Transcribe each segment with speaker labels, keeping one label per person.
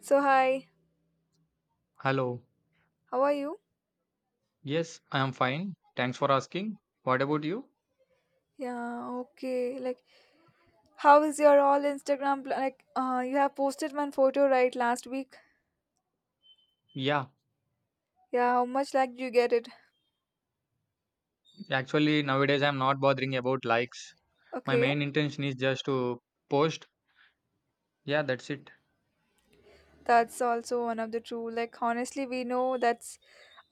Speaker 1: So hi,
Speaker 2: Hello.
Speaker 1: how are you?
Speaker 2: Yes, I am fine. Thanks for asking. What about you?
Speaker 1: Yeah, okay. Like, how is your all Instagram? Like, you have posted one photo, right, last week.
Speaker 2: Yeah,
Speaker 1: Yeah, how much like you get it?
Speaker 2: actually, nowadays I'm not bothering about likes. My
Speaker 1: Okay.
Speaker 2: main intention is just to post. Yeah, that's it.
Speaker 1: That's also one of the true. Like, honestly, we know that's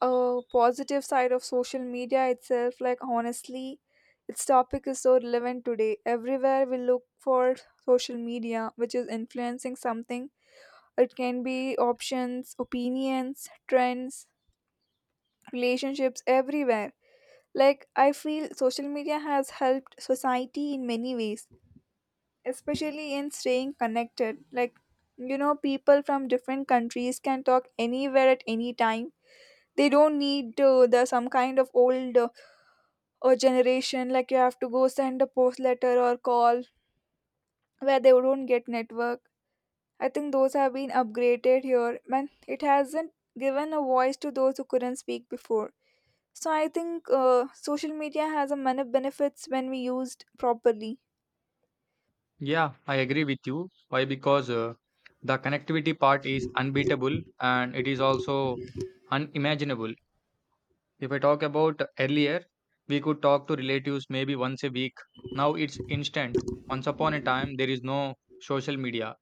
Speaker 1: a positive side of social media itself. Like, honestly, its topic is so relevant today. Everywhere we look for social media, which is influencing something. It can be options, opinions, trends, relationships everywhere. Like, I feel social media has helped society in many ways, especially in staying connected. Like, people from different countries can talk anywhere at any time. They don't need the some kind of old generation, like you have to go send a post letter or call where they don't get network. I think those have been upgraded here, and it hasn't given a voice to those who couldn't speak before. So I think social media has a many benefits when we used properly.
Speaker 2: Yeah, I agree with you. Why? Because the connectivity part is unbeatable and it is also unimaginable. If I talk about earlier, we could talk to relatives maybe once a week. Now it's instant. Once upon a time, there is no social media.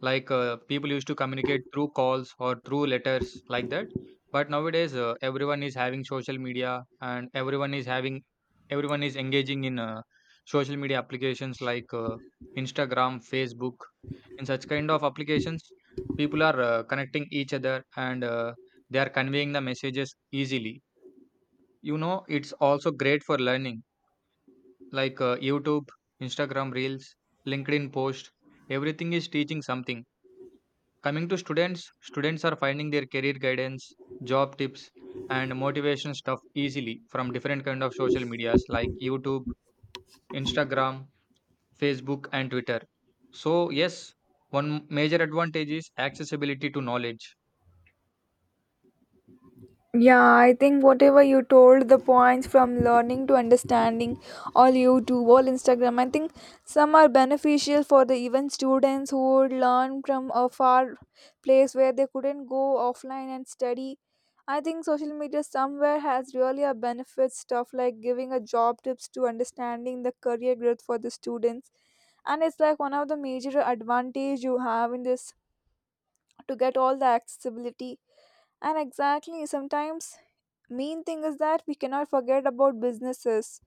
Speaker 2: Like people used to communicate through calls or through letters like that. But nowadays, everyone is having social media and everyone is engaging in social media applications like Instagram, Facebook. In such kind of applications, people are connecting each other and they are conveying the messages easily. You know, it's also great for learning, like YouTube, Instagram Reels, LinkedIn post. Everything is teaching something. Coming to students, students are finding their career guidance, job tips, and motivation stuff easily from different kind of social medias like YouTube, Instagram, Facebook, and Twitter. So yes, one major advantage is accessibility to knowledge.
Speaker 1: Yeah, I think whatever you told, the points from learning to understanding, all YouTube, all Instagram, I think some are beneficial for the even students who would learn from a far place where they couldn't go offline and study. I think social media somewhere has really a benefit stuff like giving a job tips to understanding the career growth for the students, and it's like one of the major advantage you have in this to get all the accessibility. And exactly sometimes main thing is that we cannot forget about businesses,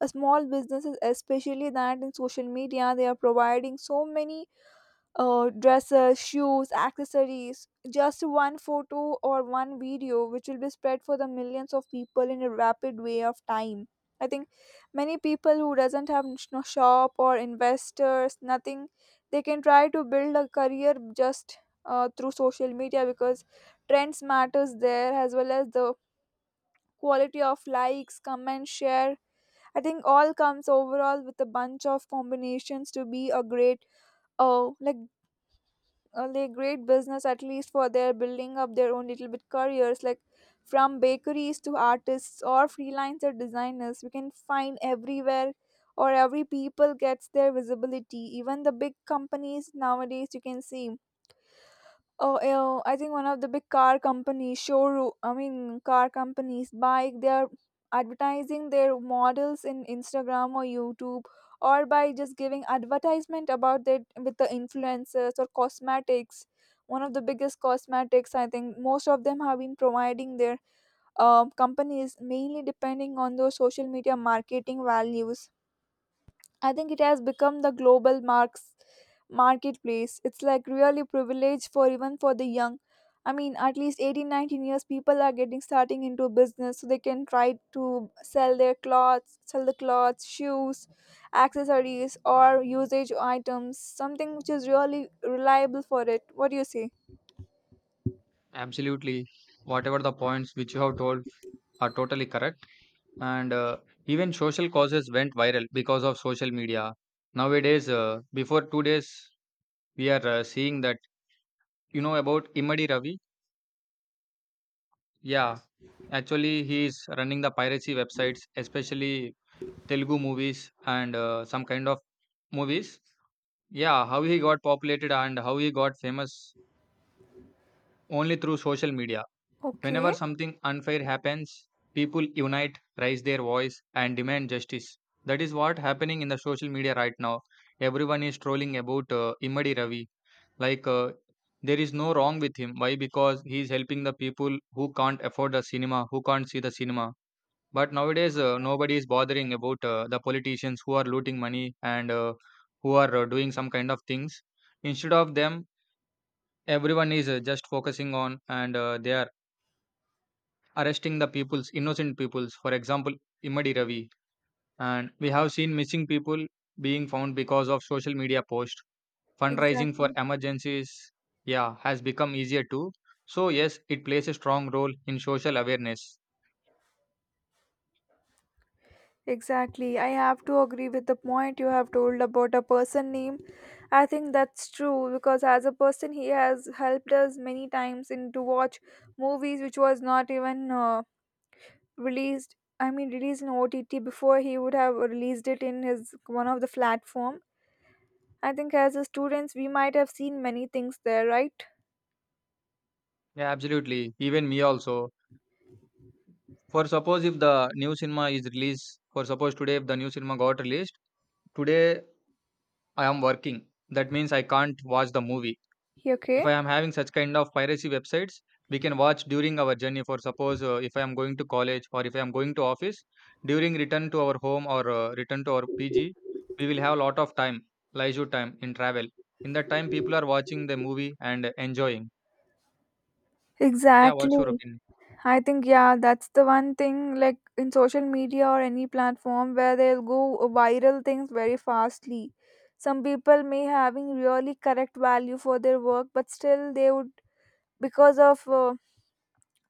Speaker 1: a small businesses especially, that in social media they are providing so many dresses, shoes, accessories. Just one photo or one video, which will be spread for the millions of people in a rapid way of time. I think many people who doesn't have no shop or investors, nothing, they can try to build a career just through social media, because trends matters there as well as the quality of likes, comment, share. I think all comes overall with a bunch of combinations to be a great, uh, like like great business, at least for their building up their own little bit careers, like from bakeries to artists or freelancer designers, we can find everywhere, or every people gets their visibility. Even the big companies nowadays you can see. Oh, yeah, I think one of the big car companies, showroom, I mean, car companies, bike, they are advertising their models in Instagram or YouTube, or by just giving advertisement about it with the influencers, or cosmetics. One of the biggest cosmetics, I think most of them have been providing their companies mainly depending on those social media marketing values. I think it has become the global marks marketplace. It's like really privileged for even for the young. I mean, at least 18, 19 years, people are getting starting into business, so they can try to sell the clothes, shoes, accessories, or usage items, something which is really reliable for it. What do you say?
Speaker 2: Absolutely, whatever the points which you have told are totally correct. And Even social causes went viral because of social media. Nowadays, before 2 days, we are seeing that, you know about Imadi Ravi. Yeah, actually, he is running the piracy websites, especially Telugu movies and some kind of movies. Yeah, how he got populated and how he got famous only through social media. Whenever
Speaker 1: Okay,
Speaker 2: something unfair happens, people unite, raise their voice, and demand justice. That is what happening in the social media right now. Everyone is trolling about Immadi Ravi. Like, uh, there is no wrong with him. Why? Because he is helping the people who can't afford the cinema, who can't see the cinema. But nowadays, nobody is bothering about the politicians who are looting money and who are doing some kind of things. Instead of them, everyone is just focusing on and they are arresting the people's innocent peoples. For example, Imadi Ravi, and we have seen missing people being found because of social media post. Fundraising for
Speaker 1: exactly.
Speaker 2: emergencies, yeah, has become easier too. So yes, it plays a strong role in social awareness.
Speaker 1: Exactly. I have to agree with the point you have told about a person name. I think that's true, because as a person he has helped us many times in to watch movies which was not even released, I mean released in OTT before he would have released it in his one of the platform. I think as a students we might have seen many things there, right?
Speaker 2: Yeah, absolutely. Even me also. For suppose if the new cinema is released, for suppose today if the new cinema got released, today I am working. That means I can't watch the movie. If
Speaker 1: Okay.
Speaker 2: I am having such kind of piracy websites, we can watch during our journey. For suppose if I am going to college or if I am going to office, during return to our home or return to our PG, we will have a lot of time, leisure time in travel. In that time, people are watching the movie and enjoying. Yeah, what's your
Speaker 1: Exactly.
Speaker 2: opinion?
Speaker 1: I think yeah, that's the one thing like in social media or any platform where they'll go viral things very fastly. Some people may having really correct value for their work, but still they would, because of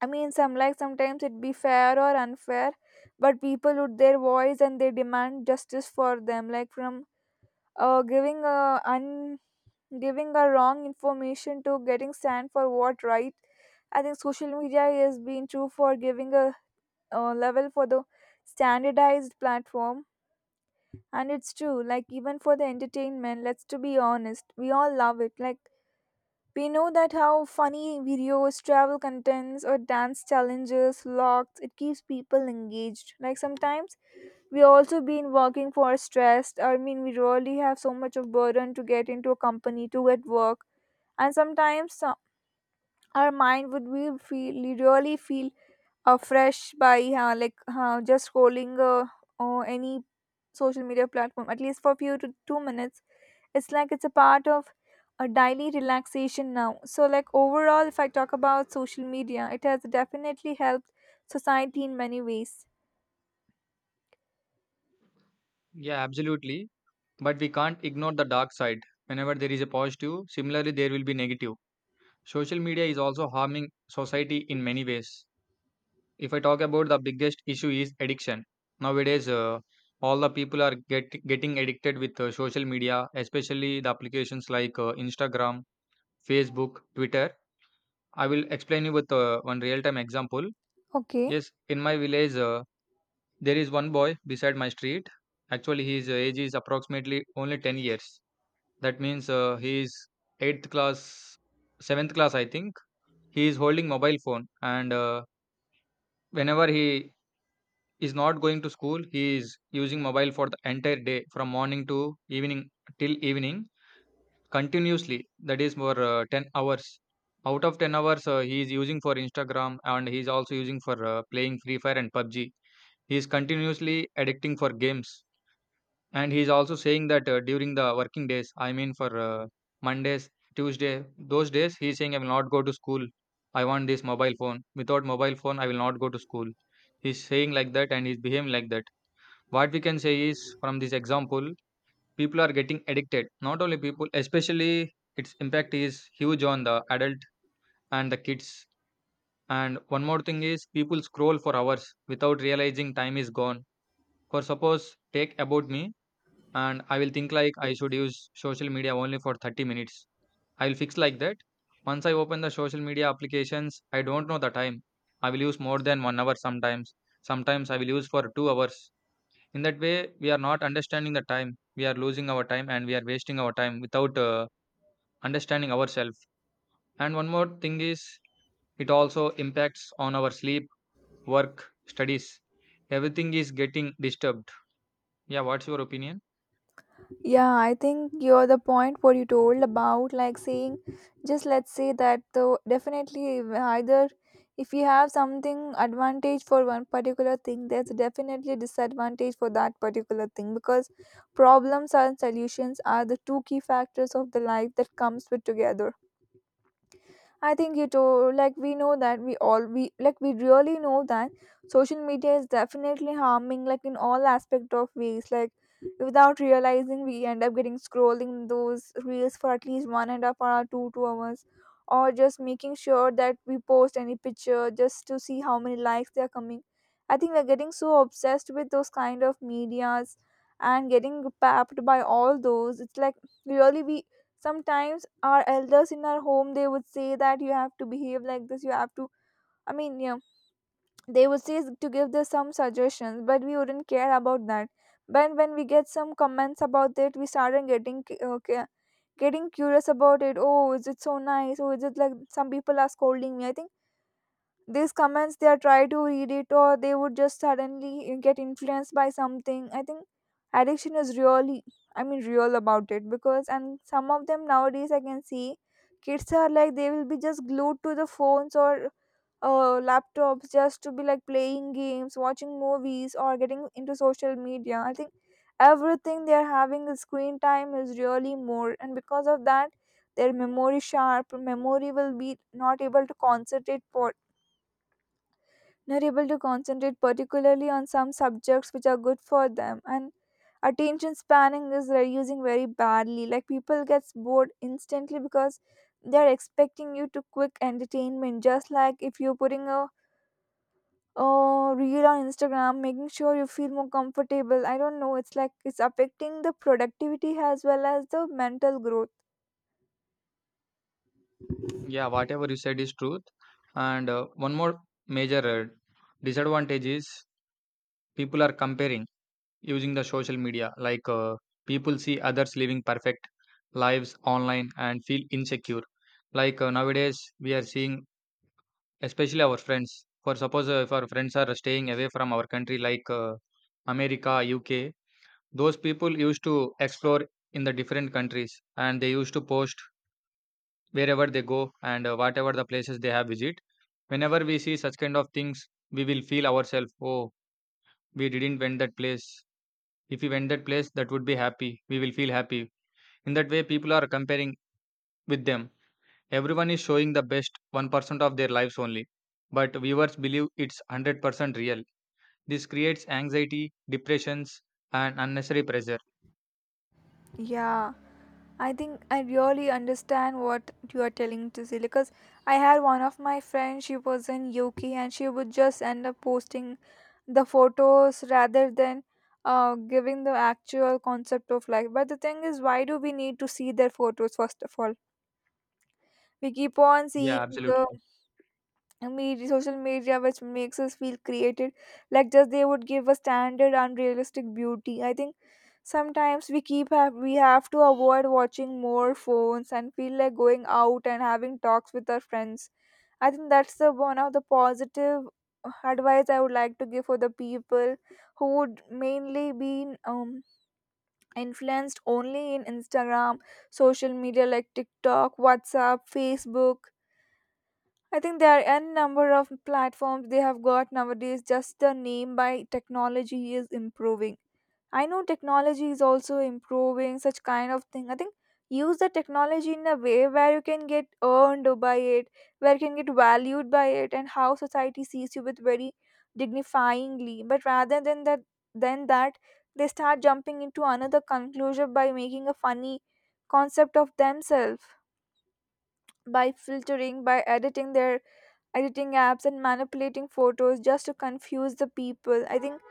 Speaker 1: I mean, some like sometimes it'd be fair or unfair, but people would their voice and they demand justice for them, like from uh giving a un giving a wrong information to getting stand for what right. I think social media has been true for giving a level for the standardized platform. And it's true, like even for the entertainment, let's to be honest, we all love it. Like, we know that how funny videos, travel contents, or dance challenges, vlogs, it keeps people engaged. Like sometimes we also been working for stressed, I mean we really have so much of burden to get into a company to get work. And sometimes our mind would we feel really feel fresh by just scrolling or any social media platform, at least for few to 2 minutes. It's like it's a part of a daily relaxation now. So like overall, if I talk about social media, it has definitely helped society in many ways.
Speaker 2: Yeah, absolutely. But we can't ignore the dark side. Whenever there is a positive, similarly there will be negative. Social media is also harming society in many ways. If I talk about, the biggest issue is addiction. Nowadays, all the people are getting addicted with social media, especially the applications like Instagram, Facebook, Twitter. I will explain you with one real-time example.
Speaker 1: Okay.
Speaker 2: Yes, in my village, there is one boy beside my street. Actually, his age is approximately only 10 years. That means he is eighth class, seventh class, I think. He is holding mobile phone, and whenever he is not going to school, he is using mobile for the entire day, from morning to evening, till evening, continuously. That is for 10 hours. Out of 10 hours, he is using for Instagram, and he is also using for playing Free Fire and PUBG. He is continuously addicting for games. And he's also saying that during the working days, I mean for Mondays, Tuesday, those days, he's saying I will not go to school. I want this mobile phone. Without mobile phone, I will not go to school. He's saying like that and he's behaving like that. What we can say is from this example, people are getting addicted. Not only people, especially its impact is huge on the adult and the kids. And one more thing is people scroll for hours without realizing time is gone. For suppose, take about me, and I will think like I should use social media only for 30 minutes. I will fix like that. Once I open the social media applications, I don't know the time. I will use more than 1 hour sometimes. Sometimes I will use for 2 hours. In that way, we are not understanding the time. We are losing our time and we are wasting our time without understanding ourselves. And one more thing is, it also impacts on our sleep, work, studies. Everything is getting disturbed. Yeah, what's your opinion?
Speaker 1: Yeah, I think you're the point what you told about, like saying, just let's say that, though definitely either, if you have something advantage for one particular thing, there's definitely disadvantage for that particular thing, because problems and solutions are the two key factors of the life that comes with together. I think you told like, we know that we all we like we really know that social media is definitely harming, like in all aspect of ways, like without realizing we end up getting scrolling those reels for at least 1.5 hour, two hours, or just making sure that we post any picture just to see how many likes they are coming. I think we're getting so obsessed with those kind of medias and getting papped by all those. It's like really we sometimes, our elders in our home, they would say that you have to behave like this, you have to, I mean, yeah, they would say to give us some suggestions, but we wouldn't care about that. But when we get some comments about it, we started getting getting curious about it. Oh, is it so nice? Oh, is it like some people are scolding me? I think these comments, they are try to read it, or they would just suddenly get influenced by something. I think addiction is really, I mean, real about it, because, and some of them nowadays I can see, kids are like they will be just glued to the phones or laptops, just to be like playing games, watching movies, or getting into social media. I think everything, they are having the screen time is really more, and because of that their memory sharp memory will be not able to concentrate for, not able to concentrate particularly on some subjects which are good for them. And attention spanning is reducing very badly, like people gets bored instantly, because they're expecting you to quick entertainment. Just like if you're putting a reel on Instagram, making sure you feel more comfortable, I don't know, it's like it's affecting the productivity as well as the mental growth.
Speaker 2: Yeah, whatever you said is truth. And One more major disadvantage is people are comparing using the social media. Like people see others living perfect lives online and feel insecure. Like nowadays, we are seeing, especially our friends. For suppose if our friends are staying away from our country, like America, UK, those people used to explore in the different countries and they used to post wherever they go and whatever the places they have visit. Whenever we see such kind of things, we will feel ourselves, oh, we didn't went that place. If we went that place, that would be happy, we will feel happy. In that way, people are comparing with them. Everyone is showing the best 1% of their lives only, but viewers believe it's 100% real. This creates anxiety, depressions, and unnecessary pressure.
Speaker 1: Yeah, I think I really understand what you are telling to see, because I had one of my friends, she was in UK and she would just end up posting the photos rather than giving the actual concept of life. But the thing is, why do we need to see their photos first of all? We keep on
Speaker 2: Yeah,
Speaker 1: seeing the
Speaker 2: absolutely.
Speaker 1: media, social media, which makes us feel created. Like just they would give a standard unrealistic beauty. I think sometimes we have to avoid watching more phones and feel like going out and having talks with our friends. I think that's the one of the positive advice I would like to give for the people who would mainly be influenced only in Instagram, social media, like TikTok, WhatsApp, Facebook. I think there are n number of platforms they have got nowadays. Just the name by technology is improving. I know technology is also improving such kind of thing. I think use the technology in a way where you can get earned by it, where you can get valued by it, and how society sees you with very dignifyingly. But rather than that, they start jumping into another conclusion by making a funny concept of themselves, by filtering, by editing apps and manipulating photos just to confuse the people. I think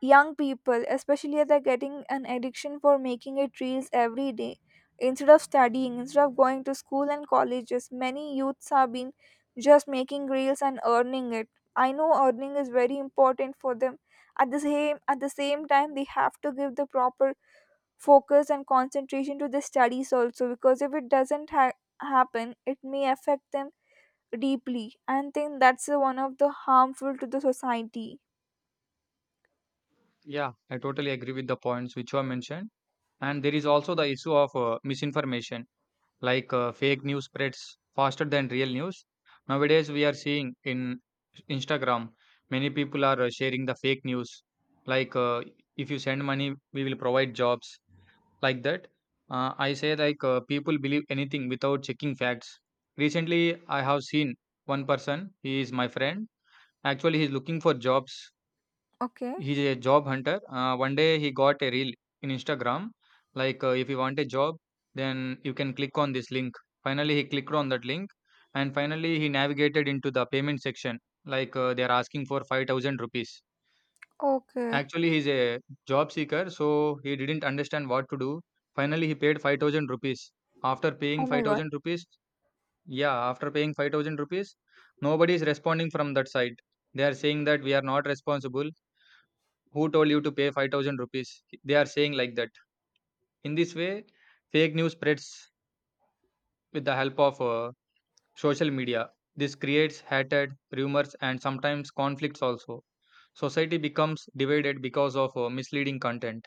Speaker 1: young people especially, they're getting an addiction for making it reels every day, instead of studying, instead of going to school and colleges. Many youths have been just making reels and earning it. I know earning is very important for them. At the same time they have to give the proper focus and concentration to the studies also, because if it doesn't happen, it may affect them deeply. And think that's one of the harmful to the society.
Speaker 2: Yeah, I totally agree with the points which you have mentioned. And there is also the issue of misinformation. Like fake news spreads faster than real news. Nowadays we are seeing in Instagram many people are sharing the fake news, like if you send money we will provide jobs, like that. I say like people believe anything without checking facts. Recently I have seen one person, he is my friend. Actually he is looking for jobs.
Speaker 1: Okay.
Speaker 2: He's a job hunter. One day he got a reel in Instagram, like if you want a job, then you can click on this link. Finally, he clicked on that link, and finally he navigated into the payment section. Like they are asking for 5,000 rupees.
Speaker 1: Okay.
Speaker 2: Actually, he's a job seeker, so he didn't understand what to do. Finally, he paid 5,000 rupees. After paying
Speaker 1: Oh my
Speaker 2: five
Speaker 1: god.
Speaker 2: thousand rupees, yeah, after paying 5,000 rupees, nobody is responding from that side. They are saying that we are not responsible, who told you to pay 5,000 rupees? They are saying like that. In this way, fake news spreads with the help of social media. This creates hatred, rumors, and sometimes conflicts also. Society becomes divided because of misleading content.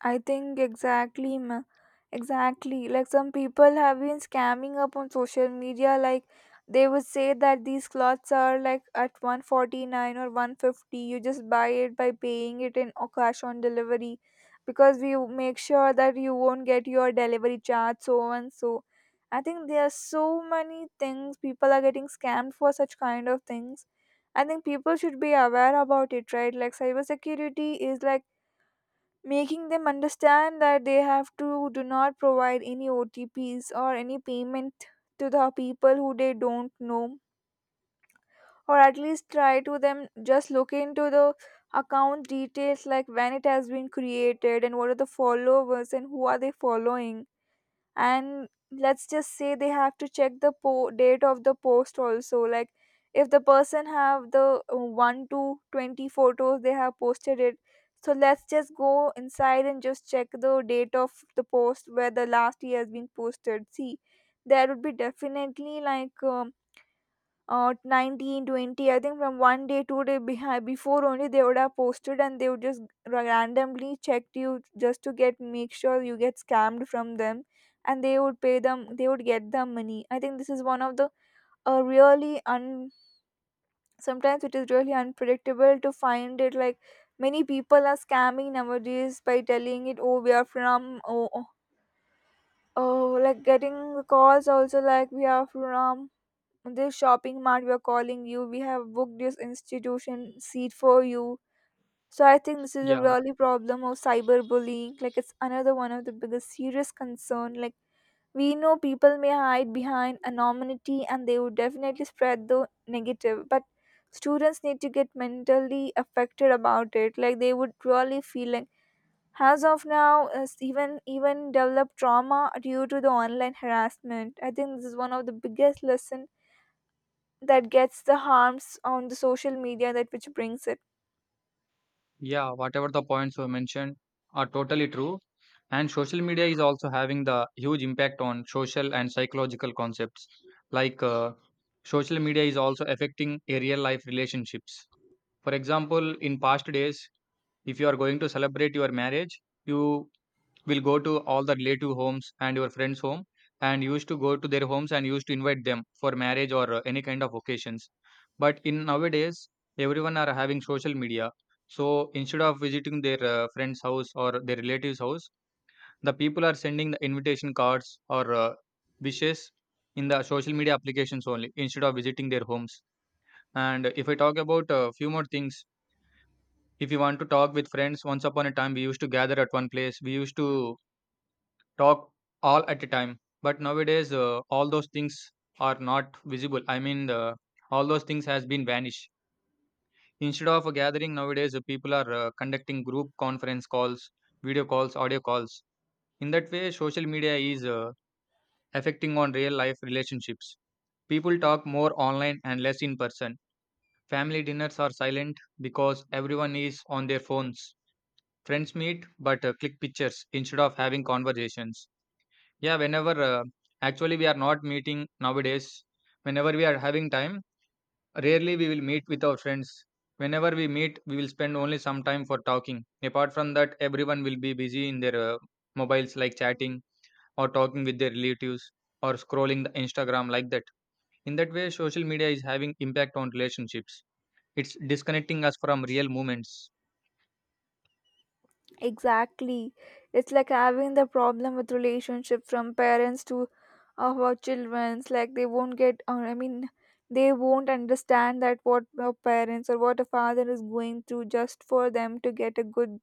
Speaker 1: I think exactly. Like some people have been scamming up on social media. Like they would say that these clothes are like at 149 or 150. You just buy it by paying it in or cash on delivery, because we make sure that you won't get your delivery charge so and so. I think there are so many things people are getting scammed for such kind of things. I think people should be aware about it, right? Like cybersecurity is like making them understand that they have to do not provide any OTPs or any payment to the people who they don't know, or at least try to them just look into the account details, like when it has been created and what are the followers and who are they following. And let's just say they have to check the date of the post also, like if the person have the 1 to 20 photos they have posted it. So let's just go inside and just check the date of the post where the last year has been posted. See, there would be definitely like 1920. I think from one day 2 day behind before only they would have posted, and they would just randomly checked you just to get make sure you get scammed from them, and they would pay them they would get the money. I think this is one of the really un sometimes it is really unpredictable to find it. Like many people are scamming nowadays by telling it, oh, we are from oh, like getting calls also, like we are from this shopping mart, we're calling you, we have booked this institution seat for you. So I think this is a
Speaker 2: Yeah,
Speaker 1: really problem of cyberbullying, like it's another one of the biggest serious concern. Like we know people may hide behind anonymity and they would definitely spread the negative, but students need to get mentally affected about it, like they would really feel like as of now is even develop trauma due to the online harassment. I think this is one of the biggest lesson that gets the harms on the social media that which brings it.
Speaker 2: yeah, whatever the points were mentioned are totally true. And social media is also having the huge impact on social and psychological concepts. Like social media is also affecting a real life relationships. For example, in past days, if you are going to celebrate your marriage, you will go to all the relative homes and your friends' home and used to go to their homes and used to invite them for marriage or any kind of occasions. But in nowadays, everyone are having social media. So instead of visiting their friend's house or their relatives' house, the people are sending the invitation cards or wishes in the social media applications only instead of visiting their homes. And if I talk about a few more things, if you want to talk with friends, once upon a time we used to gather at one place. We used to talk all at a time. But nowadays, all those things are not visible. All those things has been vanished. Instead of a gathering nowadays, people are conducting group conference calls, video calls, audio calls. In that way, social media is affecting on real life relationships. People talk more online and less in person. Family dinners are silent because everyone is on their phones. Friends meet but click pictures instead of having conversations. Yeah, whenever actually we are not meeting nowadays, whenever we are having time, rarely we will meet with our friends. Whenever we meet, we will spend only some time for talking. Apart from that, everyone will be busy in their mobiles, like chatting or talking with their relatives or scrolling the Instagram like that. In that way, social media is having impact on relationships. It's disconnecting us from real moments.
Speaker 1: Exactly. It's like having the problem with relationship from parents to our children's, like they won't get, or I mean they won't understand that what our parents or what a father is going through just for them to get a good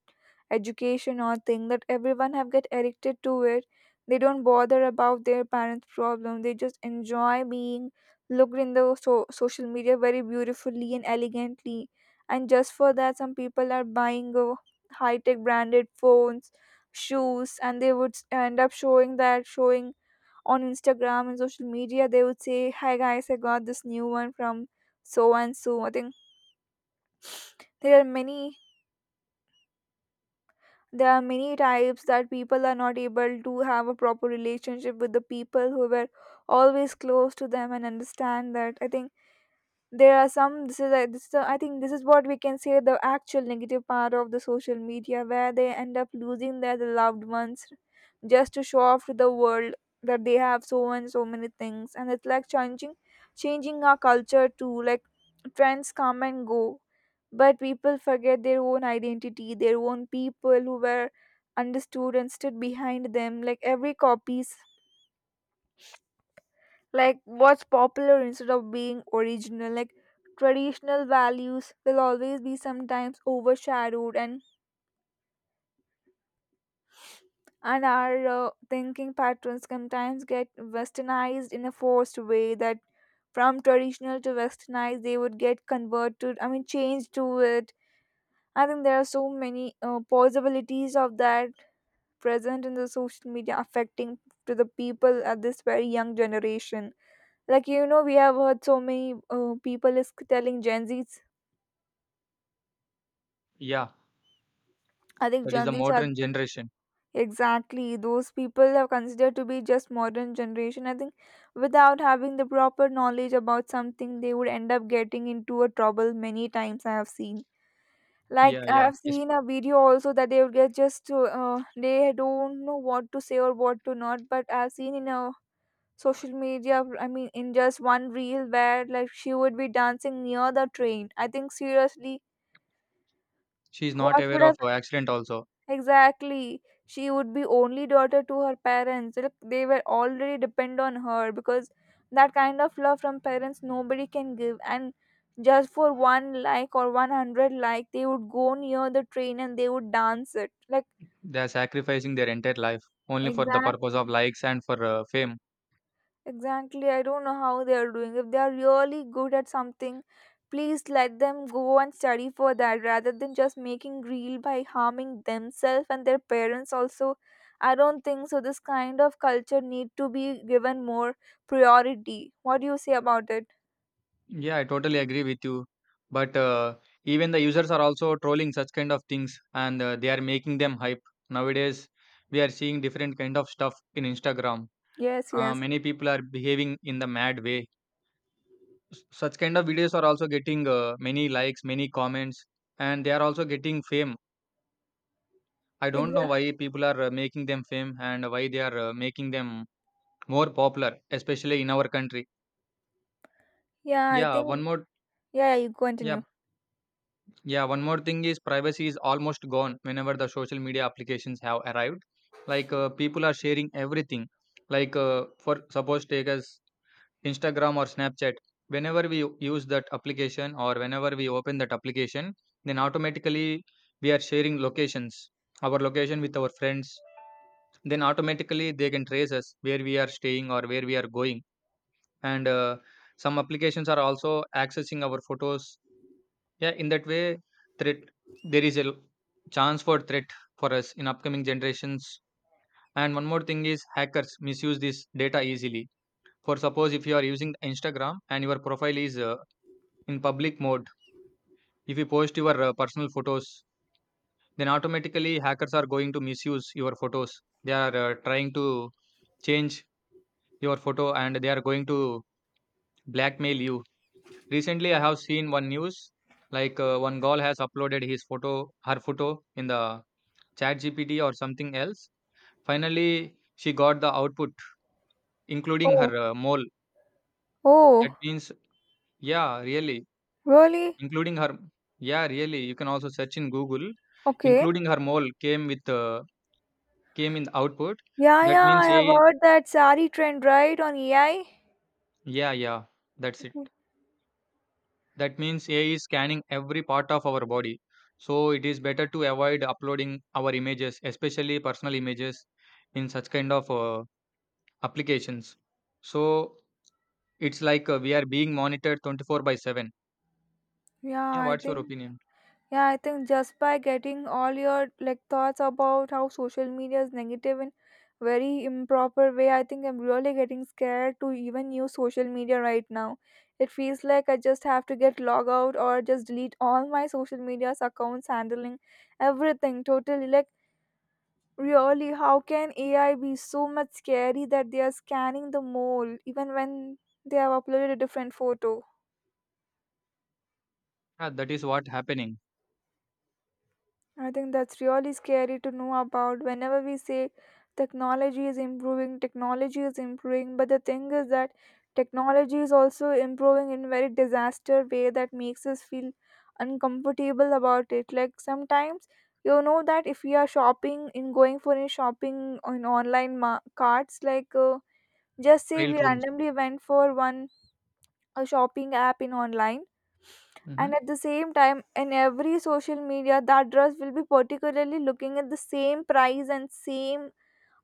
Speaker 1: education, or thing that everyone have get addicted to it. They don't bother about their parents' problem. They just enjoy being looked in the social media very beautifully and elegantly. And just for that, some people are buying a high-tech branded phones, shoes, and they would end up showing that showing on Instagram and social media. They would say, "Hi guys, I got this new one from so and so." I think there are many there are many types that people are not able to have a proper relationship with the people who were always close to them, and understand that. I think there are some, I think this is what we can say the actual negative part of the social media, where they end up losing their loved ones just to show off to the world that they have so and so many things. And it's like changing our culture too, like trends come and go, but people forget their own identity, their own people who were understood and stood behind them, like every copies like what's popular instead of being original. Like traditional values will always be sometimes overshadowed, and our thinking patterns sometimes get westernized in a forced way, that from traditional to westernized they would get converted, I mean changed to it. I think there are so many possibilities of that present in the social media affecting to the people at this very young generation. Like, you know, we have heard so many people is telling Gen Zs.
Speaker 2: Yeah,
Speaker 1: I think
Speaker 2: that is the
Speaker 1: Gen Zs are
Speaker 2: modern generation.
Speaker 1: exactly those people are considered to be just modern generation. I think without having the proper knowledge about something, they would end up getting into a trouble many times. I have seen.
Speaker 2: Yeah,
Speaker 1: Like I
Speaker 2: yeah,
Speaker 1: have seen a video also that they would get just to, they don't know what to say or what to not. But I've seen in a social media, I mean in just one reel where like she would be dancing near the train, I think seriously.
Speaker 2: she is not
Speaker 1: What
Speaker 2: aware
Speaker 1: would
Speaker 2: of
Speaker 1: have,
Speaker 2: her accident also.
Speaker 1: exactly? She would be only daughter to her parents. Look, they were already depend on her because that kind of love from parents nobody can give. And just for one like or 100 like, they would go near the train and they would dance it. Like
Speaker 2: They are sacrificing their entire life only for the purpose of
Speaker 1: exactly.
Speaker 2: likes and for fame.
Speaker 1: Exactly, I don't know how they are doing. If they are really good at something, please let them go and study for that rather than just making real by harming themselves and their parents also. I don't think so. This kind of culture need to be given more priority. What do you say about it?
Speaker 2: Yeah, I totally agree with you. But even the users are also trolling such kind of things and they are making them hype. Nowadays, we are seeing different kind of stuff in Instagram.
Speaker 1: Yes, yes.
Speaker 2: Many people are behaving in the mad way. Such kind of videos are also getting many likes, many comments, and they are also getting fame. I don't know
Speaker 1: Exactly.
Speaker 2: why people are making them fame and why they are making them more popular, especially in our country.
Speaker 1: Yeah, I
Speaker 2: Yeah, one
Speaker 1: think,
Speaker 2: more
Speaker 1: yeah, you continue.
Speaker 2: yeah, yeah, one more thing is privacy is almost gone whenever the social media applications have arrived. People are sharing everything. For suppose take as Instagram or Snapchat. Whenever we use that application or whenever we open that application, then automatically we are sharing locations, our location with our friends. Then automatically they can trace us where we are staying or where we are going and some applications are also accessing our photos, yeah, in that way, threat there is a l- chance for threat for us in upcoming generations. And one more thing is hackers misuse this data easily. For suppose, if you are using Instagram and your profile is in public mode, if you post your personal photos, then automatically hackers are going to misuse your photos. They are trying to change your photo and they are going to blackmail you. Recently, I have seen one news, one girl has uploaded her photo in the chat GPT or something else. Finally, she got the output, including
Speaker 1: Oh,
Speaker 2: her mole. That
Speaker 1: oh,
Speaker 2: means, yeah, really,
Speaker 1: really?
Speaker 2: including her, yeah, really. You can also search in Google,
Speaker 1: Okay.
Speaker 2: including her mole came in the output.
Speaker 1: Yeah,
Speaker 2: That
Speaker 1: yeah, I
Speaker 2: means,
Speaker 1: have
Speaker 2: yeah,
Speaker 1: heard that sari trend, right, on AI?
Speaker 2: yeah, yeah, that's it.
Speaker 1: Okay.
Speaker 2: That means AI is scanning every part of our body. So it is better to avoid uploading our images, especially personal images, in such kind of applications. So it's like we are being monitored 24 by 7.
Speaker 1: Yeah,
Speaker 2: Yeah,
Speaker 1: I
Speaker 2: what's your
Speaker 1: think
Speaker 2: opinion?
Speaker 1: Yeah, I think just by getting all your like thoughts about how social media is negative in very improper way, I think I'm really getting scared to even use social media right now. It feels like I just have to get log out or just delete all my social media's accounts, handling everything totally. Like really, how can AI be so much scary that they are scanning the mole even when they have uploaded a different photo?
Speaker 2: Yeah, that is what happening.
Speaker 1: I think that's really scary to know about. Whenever we say technology is improving, but the thing is that technology is also improving in very disaster way that makes us feel uncomfortable about it. Like sometimes, you know, that if we are shopping in going for a shopping on online carts, like just say
Speaker 2: Trial
Speaker 1: we
Speaker 2: rooms.
Speaker 1: randomly went for one a shopping app in online, and
Speaker 2: Hmm.
Speaker 1: at the same time in every social media that dress will be particularly looking at the same price and same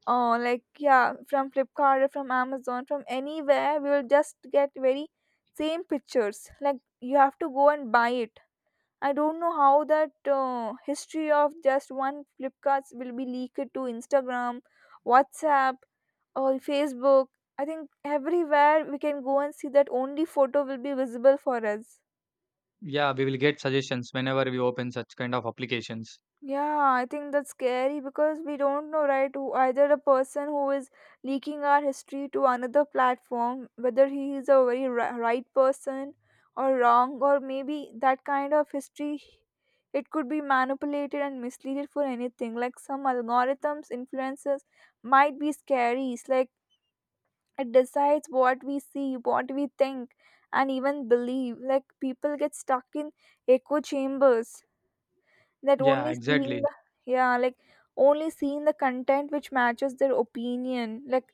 Speaker 1: like, yeah, from flipkart or from amazon from anywhere, we will just get very same pictures like you have to go and buy it. I don't know how that history of just one flipkart will be leaked to instagram, whatsapp, or facebook. I think everywhere we can go and see that only photo will be visible for us.
Speaker 2: Yeah, we will get suggestions whenever we open such kind of applications.
Speaker 1: Yeah, I think that's scary because we don't know, right? Who either a person who is leaking our history to another platform, whether he is a very right person or wrong, or maybe that kind of history, it could be manipulated and misleaded for anything. Like some algorithms, influences might be scary. It's like it decides what we see, what we think, and even believe. Like people get stuck in echo chambers that
Speaker 2: Yeah,
Speaker 1: only seeing
Speaker 2: exactly.
Speaker 1: the, yeah, like only seeing the content which matches their opinion. Like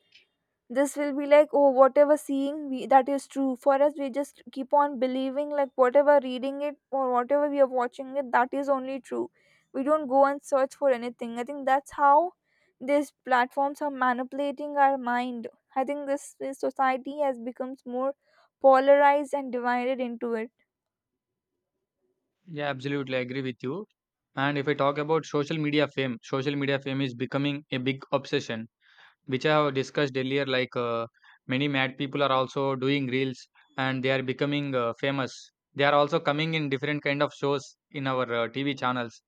Speaker 1: this will be like, oh, whatever seeing we that is true for us, we just keep on believing, like whatever reading it or whatever we are watching it that is only true, we don't go and search for anything. I think that's how these platforms are manipulating our mind. I think this society has becomes more polarized and divided into it.
Speaker 2: Yeah, absolutely. I agree with you. And if I talk about social media fame is becoming a big obsession, which I have discussed earlier, many mad people are also doing reels and they are becoming famous. They are also coming in different kind of shows in our TV channels.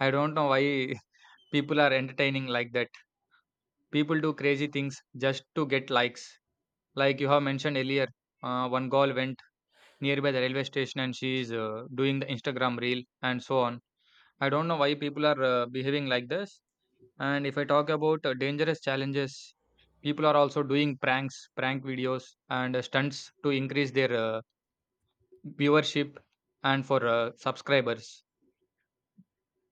Speaker 2: I don't know why people are entertaining like that. People do crazy things just to get likes. Like you have mentioned earlier, one girl went nearby the railway station and she is doing the Instagram reel and so on. I don't know why people are behaving like this. And if I talk about dangerous challenges, people are also doing pranks, prank videos, and stunts to increase their viewership and for subscribers.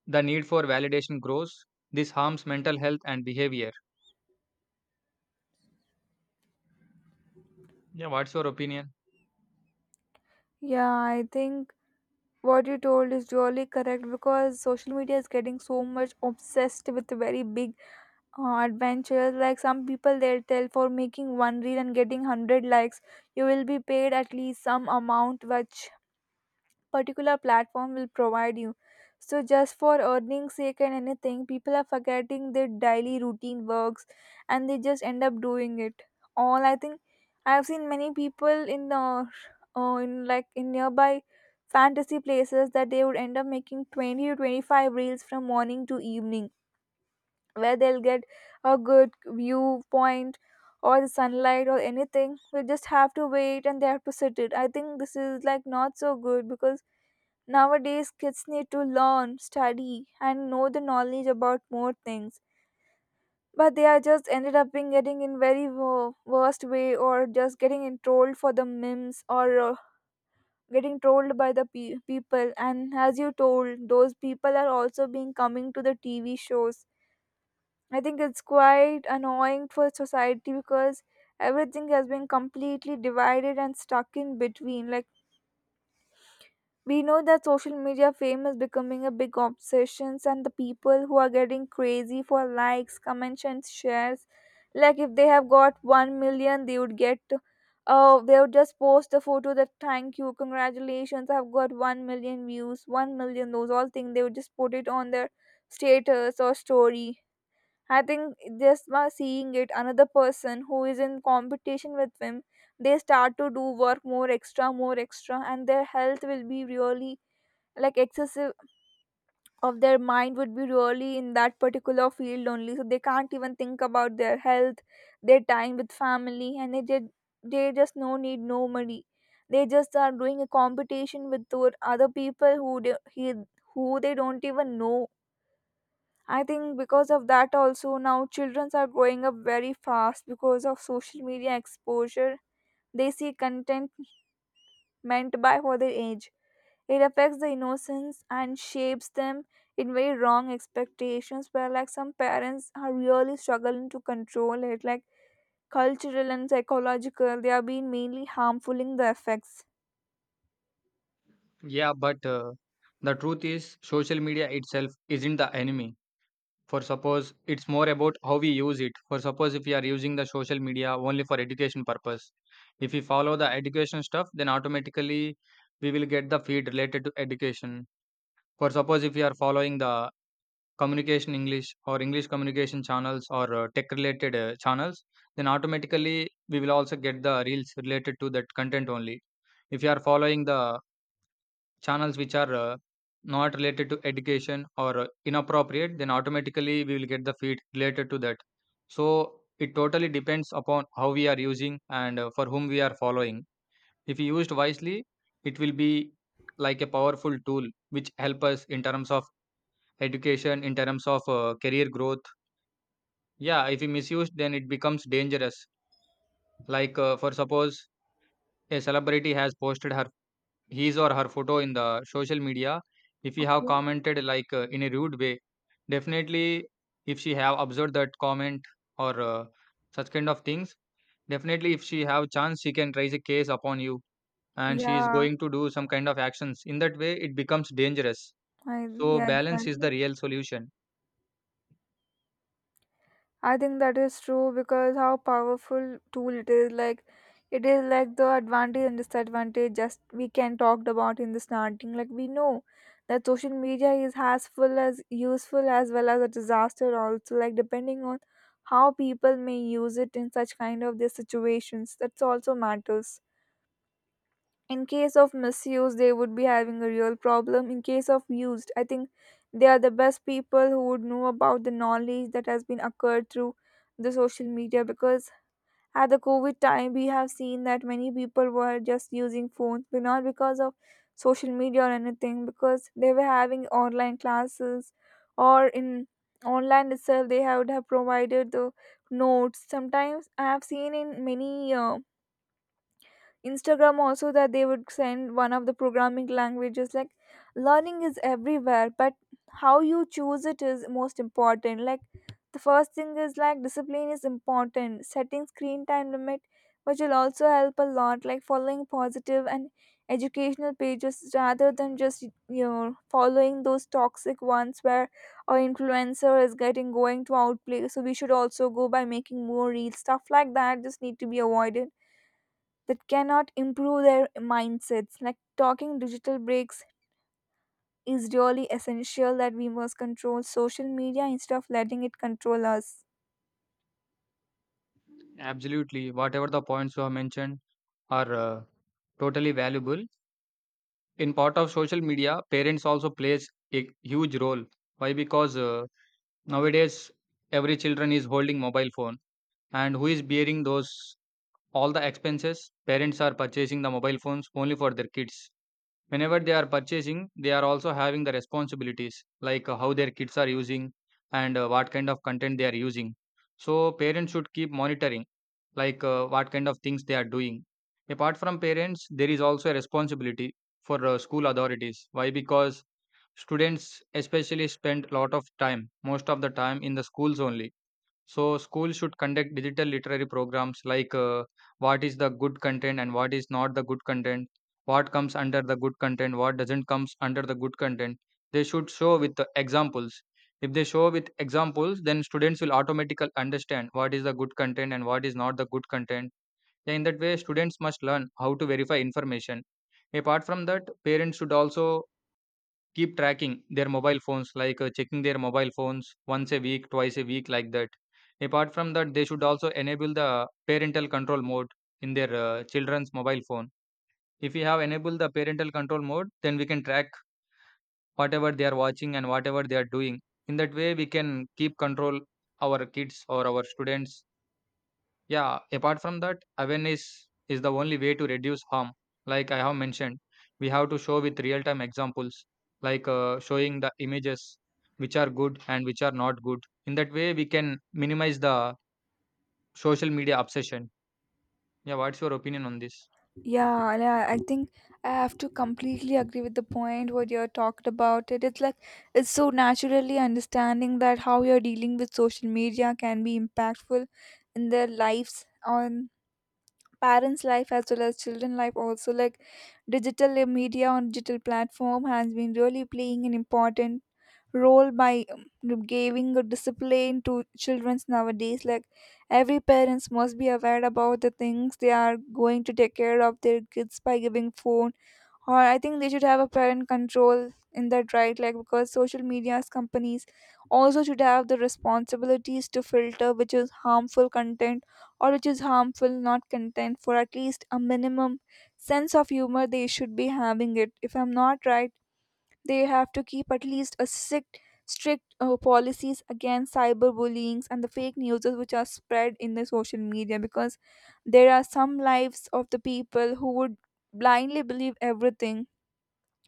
Speaker 2: The need for validation grows. This harms mental health and behavior. Yeah, what's your opinion?
Speaker 1: Yeah, I think what you told is really correct because social media is getting so much obsessed with very big adventures. Like some people, they'll tell for making one reel and getting 100 likes, you will be paid at least some amount which particular platform will provide you. So just for earning sake and anything, people are forgetting their daily routine works and they just end up doing it. All I think I have seen many people in like in nearby fantasy places that they would end up making 20 to 25 reels from morning to evening where they'll get a good viewpoint or the sunlight or anything, we just have to wait and they have to sit it. I think this is like not so good because nowadays, kids need to learn, study, and know the knowledge about more things. But they are just ended up being getting in very worst way, or just getting in trolled for the memes, or getting trolled by the people. And as you told, those people are also being coming to the TV shows. I think it's quite annoying for society because everything has been completely divided and stuck in between. Like we know that social media fame is becoming a big obsession, and the people who are getting crazy for likes, comments and shares, like if they have got 1 million, they would get they would just post a photo that thank you, congratulations, I've got 1 million views, 1 million, those all things they would just put it on their status or story. I think just by seeing it, another person who is in competition with them, they start to do work more extra, and their health will be really like excessive of their mind, would be really in that particular field only, so they can't even think about their health, their time with family. And they did, they just no need, no money, they just are doing a competition with those other people who who they don't even know. I think because of that, also now children are growing up very fast because of social media exposure. They see content meant by for their age. It affects the innocence and shapes them in very wrong expectations, where like some parents are really struggling to control it, like cultural and psychological, they are being mainly harmful in the effects.
Speaker 2: Yeah, but The truth is, social media itself isn't the enemy. For suppose it's more about how we use it. For suppose, if we are using the social media only for education purpose, if we follow the education stuff, then automatically we will get the feed related to education. For suppose, if we are following the communication English or English communication channels or tech related channels, then automatically we will also get the reels related to that content only. If you are following the channels which are not related to education or inappropriate, then automatically we will get the feed related to that. So it totally depends upon how we are using and for whom we are following. If used wisely, it will be like a powerful tool which help us in terms of education, in terms of career growth. Yeah, if we misuse, then it becomes dangerous. For suppose a celebrity has posted her his or her photo in the social media, if you have
Speaker 1: Okay.
Speaker 2: commented in a rude way, definitely, if she have observed that comment or such kind of things, definitely, if she have chance, she can raise a case upon you and she is
Speaker 1: Yeah.
Speaker 2: going to do some kind of actions. In that way it becomes dangerous.
Speaker 1: I
Speaker 2: So
Speaker 1: yeah,
Speaker 2: balance is the
Speaker 1: exactly.
Speaker 2: real solution.
Speaker 1: I think that is true because how powerful tool it is. Like, it is like the advantage and disadvantage just we can talked about in the starting. Like, we know that social media is as full as useful as well as a disaster also, like depending on how people may use it in such kind of their situations. That's also matters. In case of misuse, they would be having a real problem. In case of used, I think they are the best people who would know about the knowledge that has been occurred through the social media, because at the COVID time we have seen that many people were just using phones, but not because of social media or anything, because they were having online classes, or in online itself they have, would have provided the notes. Sometimes I have seen in many Instagram also that they would send one of the programming languages. Like, learning is everywhere, but how you choose it is most important. Like, the first thing is like discipline is important, setting screen time limit, which will also help a lot, like following positive and educational pages rather than just following those toxic ones where our influencer is getting going to outplay, so we should also go by making more real stuff like that. Just need to be avoided, that cannot improve their mindsets. Like, talking digital breaks is really essential, that we must control social media instead of letting it control us.
Speaker 2: Absolutely, whatever the points you have mentioned are totally valuable. In part of social media, parents also plays a huge role. Why? Because nowadays, every children is holding mobile phone, and who is bearing those all the expenses? Parents are purchasing the mobile phones only for their kids. Whenever they are purchasing, they are also having the responsibilities, how their kids are using and what kind of content they are using. So parents should keep monitoring, what kind of things they are doing. Apart from parents, there is also a responsibility for school authorities. Why? Because students especially spend a lot of time, most of the time in the schools only. So schools should conduct digital literary programs, what is the good content and what is not the good content, what comes under the good content, what doesn't comes under the good content. They should show with the examples. If they show with examples, then students will automatically understand what is the good content and what is not the good content. Yeah, in that way, students must learn how to verify information. Apart from that, parents should also keep tracking their mobile phones, checking their mobile phones once a week, twice a week, like that. Apart from that, they should also enable the parental control mode in their children's mobile phone. If we have enabled the parental control mode, then we can track whatever they are watching and whatever they are doing. In that way, we can keep control our kids or our students. Yeah, apart from that, awareness is the only way to reduce harm. Like I have mentioned, we have to show with real time examples, showing the images which are good and which are not good. In that way, we can minimize the social media obsession. Yeah, what's your opinion on this?
Speaker 1: Yeah, yeah. I think I have to completely agree with the point what you talked about. It. It is like, it's so naturally understanding that how you're dealing with social media can be impactful in their lives, on parents life as well as children life also. Like, digital media on digital platform has been really playing an important role by giving a discipline to children's nowadays. Like, every parents must be aware about the things they are going to take care of their kids by giving phone, or I think they should have a parent control in that right. Like, because social media's companies also should have the responsibilities to filter which is harmful content or which is harmful not content, for at least a minimum sense of humor they should be having it. If I'm not right, they have to keep at least a strict policies against cyberbullying and the fake news which are spread in the social media, because there are some lives of the people who would blindly believe everything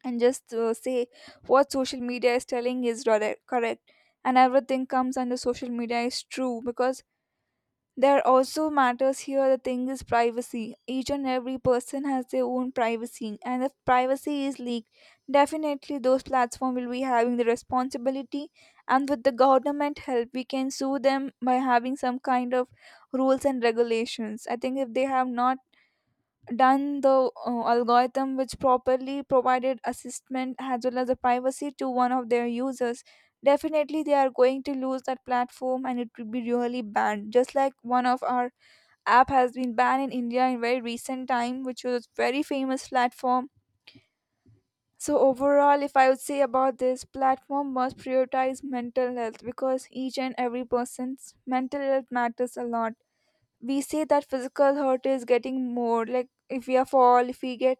Speaker 1: and just say what social media is telling is rather correct, and everything comes under social media is true. Because there also matters here, the thing is privacy. Each and every person has their own privacy, and if privacy is leaked, definitely those platform will be having the responsibility, and with the government help we can sue them by having some kind of rules and regulations. I think if they have not done the algorithm which properly provided assessment as well as the privacy to one of their users, definitely they are going to lose that platform and it will be really banned, just like one of our app has been banned in India in very recent time, which was very famous platform. So overall, if I would say about this, platform must prioritize mental health, because each and every person's mental health matters a lot. We say that physical hurt is getting more, like if we are fall, if we get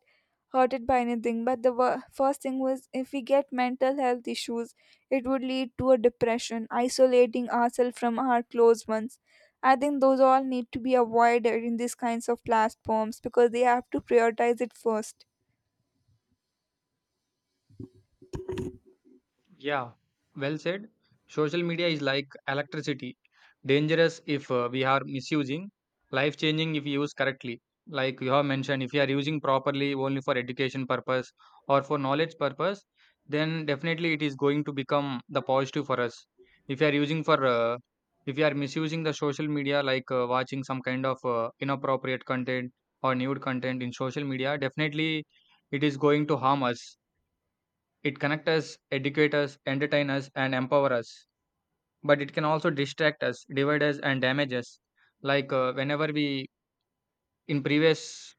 Speaker 1: hurted by anything, but the first thing was, if we get mental health issues, it would lead to a depression, isolating ourselves from our close ones. I think those all need to be avoided in these kinds of platforms, because they have to prioritize it first.
Speaker 2: Yeah, well said. Social media is like electricity, dangerous if we are misusing, life changing if you use correctly. Like you have mentioned, if you are using properly only for education purpose or for knowledge purpose, then definitely it is going to become the positive for us. If you are using for, If you are misusing the social media, watching some kind of inappropriate content or nude content in social media, definitely it is going to harm us. It connects us, educates us, entertain us, and empower us. But it can also distract us, divide us, and damage us. Like whenever we, in previous,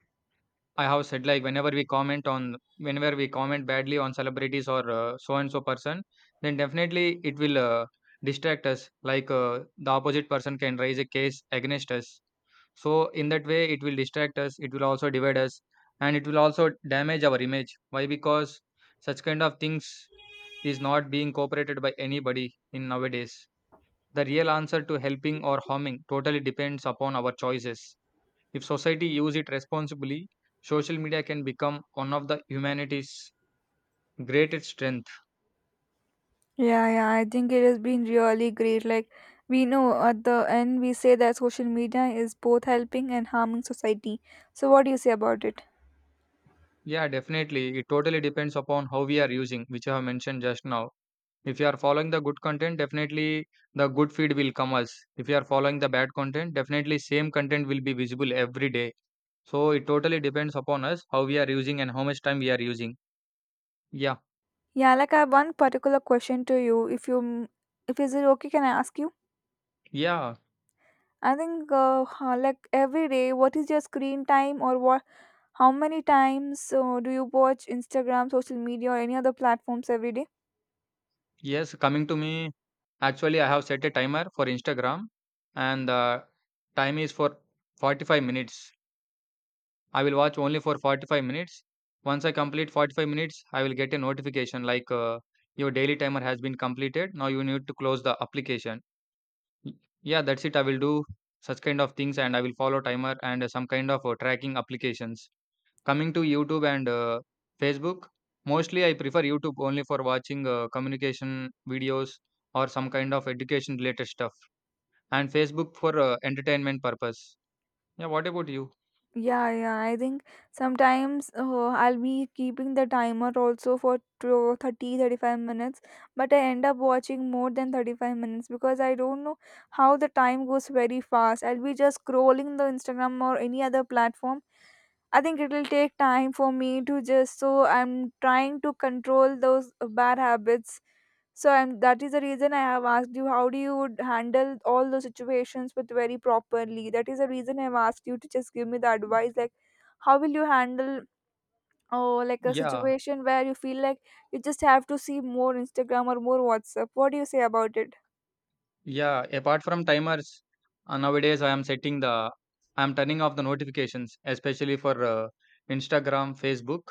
Speaker 2: I have said, like, whenever we comment on, whenever we comment badly on celebrities or so and so person, then definitely it will distract us. The opposite person can raise a case against us. So in that way, it will distract us. It will also divide us, and it will also damage our image. Why? Because such kind of things is not being cooperated by anybody in nowadays. The real answer to helping or harming totally depends upon our choices. If society use it responsibly, social media can become one of the humanity's greatest strength.
Speaker 1: Yeah, yeah, I think it has been really great. Like, we know at the end, we say that social media is both helping and harming society. So, what do you say about it?
Speaker 2: Yeah, definitely. It totally depends upon how we are using, which I have mentioned just now. If you are following the good content, definitely the good feed will come us. If you are following the bad content, definitely same content will be visible every day. So it totally depends upon us how we are using and how much time we are using. Yeah,
Speaker 1: Yeah, like I have one particular question to you. If you, if is it okay, can I ask you?
Speaker 2: yeah,
Speaker 1: I think like every day, what is your screen time, or what? How many times do you watch Instagram, social media, or any other platforms every day?
Speaker 2: yes, coming to me, actually, I have set a timer for Instagram, and the time is for 45 minutes. I will watch only for 45 minutes. Once I complete 45 minutes, I will get a notification like your daily timer has been completed. Now you need to close the application. Y- Yeah, that's it. I will do such kind of things, and I will follow timer and some kind of tracking applications. Coming to YouTube and Facebook, mostly I prefer YouTube only for watching communication videos or some kind of education related stuff, and Facebook for entertainment purpose. Yeah, what about you?
Speaker 1: Yeah, yeah. I think sometimes I'll be keeping the timer also for 30, 35 minutes, but I end up watching more than 35 minutes because I don't know how the time goes very fast. I'll be just scrolling the Instagram or any other platform. I think it will take time for me to just, so I'm trying to control those bad habits. So I'm, that is the reason I have asked you how do you would handle all those situations with very properly. That is the reason I've asked you to just give me the advice, like how will you handle, oh, like a
Speaker 2: Yeah.
Speaker 1: situation where you feel like you just have to see more Instagram or more WhatsApp. What do you say about it?
Speaker 2: Yeah, apart from timers, nowadays I'm turning off the notifications, especially for Instagram, Facebook.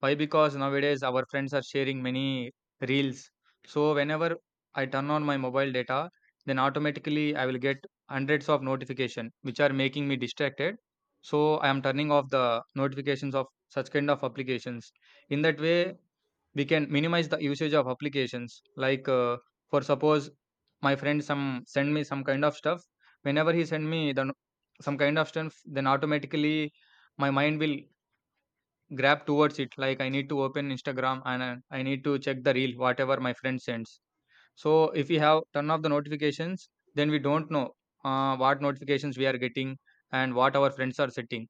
Speaker 2: Why? Because nowadays our friends are sharing many reels. So whenever I turn on my mobile data, then automatically I will get hundreds of notification which are making me distracted. So I am turning off the notifications of such kind of applications. In that way, we can minimize the usage of applications, for suppose my friend some send me some kind of stuff, whenever he send me the no- some kind of stuff, then automatically my mind will grab towards it, like I need to open Instagram and I need to check the reel whatever my friend sends. So if we have turn off the notifications, then we don't know what notifications we are getting and what our friends are setting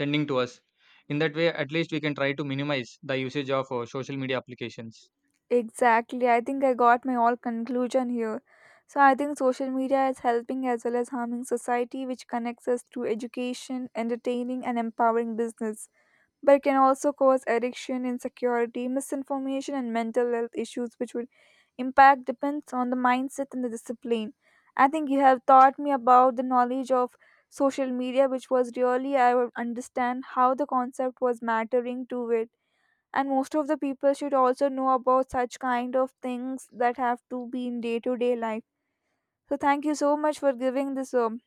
Speaker 2: sending to us. In that way, at least we can try to minimize the usage of social media applications.
Speaker 1: Exactly. I think I got my all conclusion here. So I think social media is helping as well as harming society, which connects us to education, entertaining, and empowering business. But it can also cause addiction, insecurity, misinformation, and mental health issues, which would impact depends on the mindset and the discipline. I think you have taught me about the knowledge of social media, which was really, I would understand how the concept was mattering to it, and most of the people should also know about such kind of things that have to be in day to day life. So thank you so much for giving this um,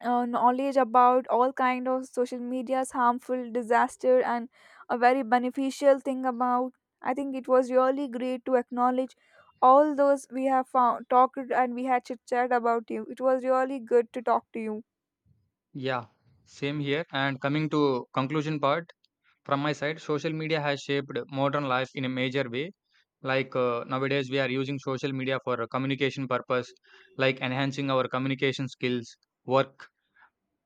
Speaker 1: uh, knowledge about all kind of social media's harmful disaster and a very beneficial thing about. I think it was really great to acknowledge all those we have found, talked, and we had chit chat about you. It was really good to talk to you.
Speaker 2: Yeah, same here. And coming to conclusion part from my side, social media has shaped modern life in a major way. Nowadays, we are using social media for a communication purpose, like enhancing our communication skills, work,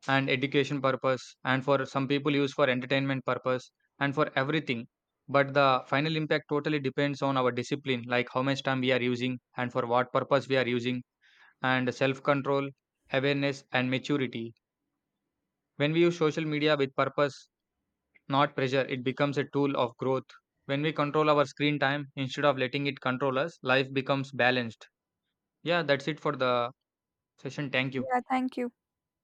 Speaker 2: and education purpose. And for some people, use for entertainment purpose and for everything. But the final impact totally depends on our discipline, like how much time we are using and for what purpose we are using, and self control, awareness, and maturity. When we use social media with purpose not pressure, it becomes a tool of growth. When we control our screen time instead of letting it control us, life becomes balanced. Yeah, that's it for the session. Thank you.
Speaker 1: Yeah, thank you.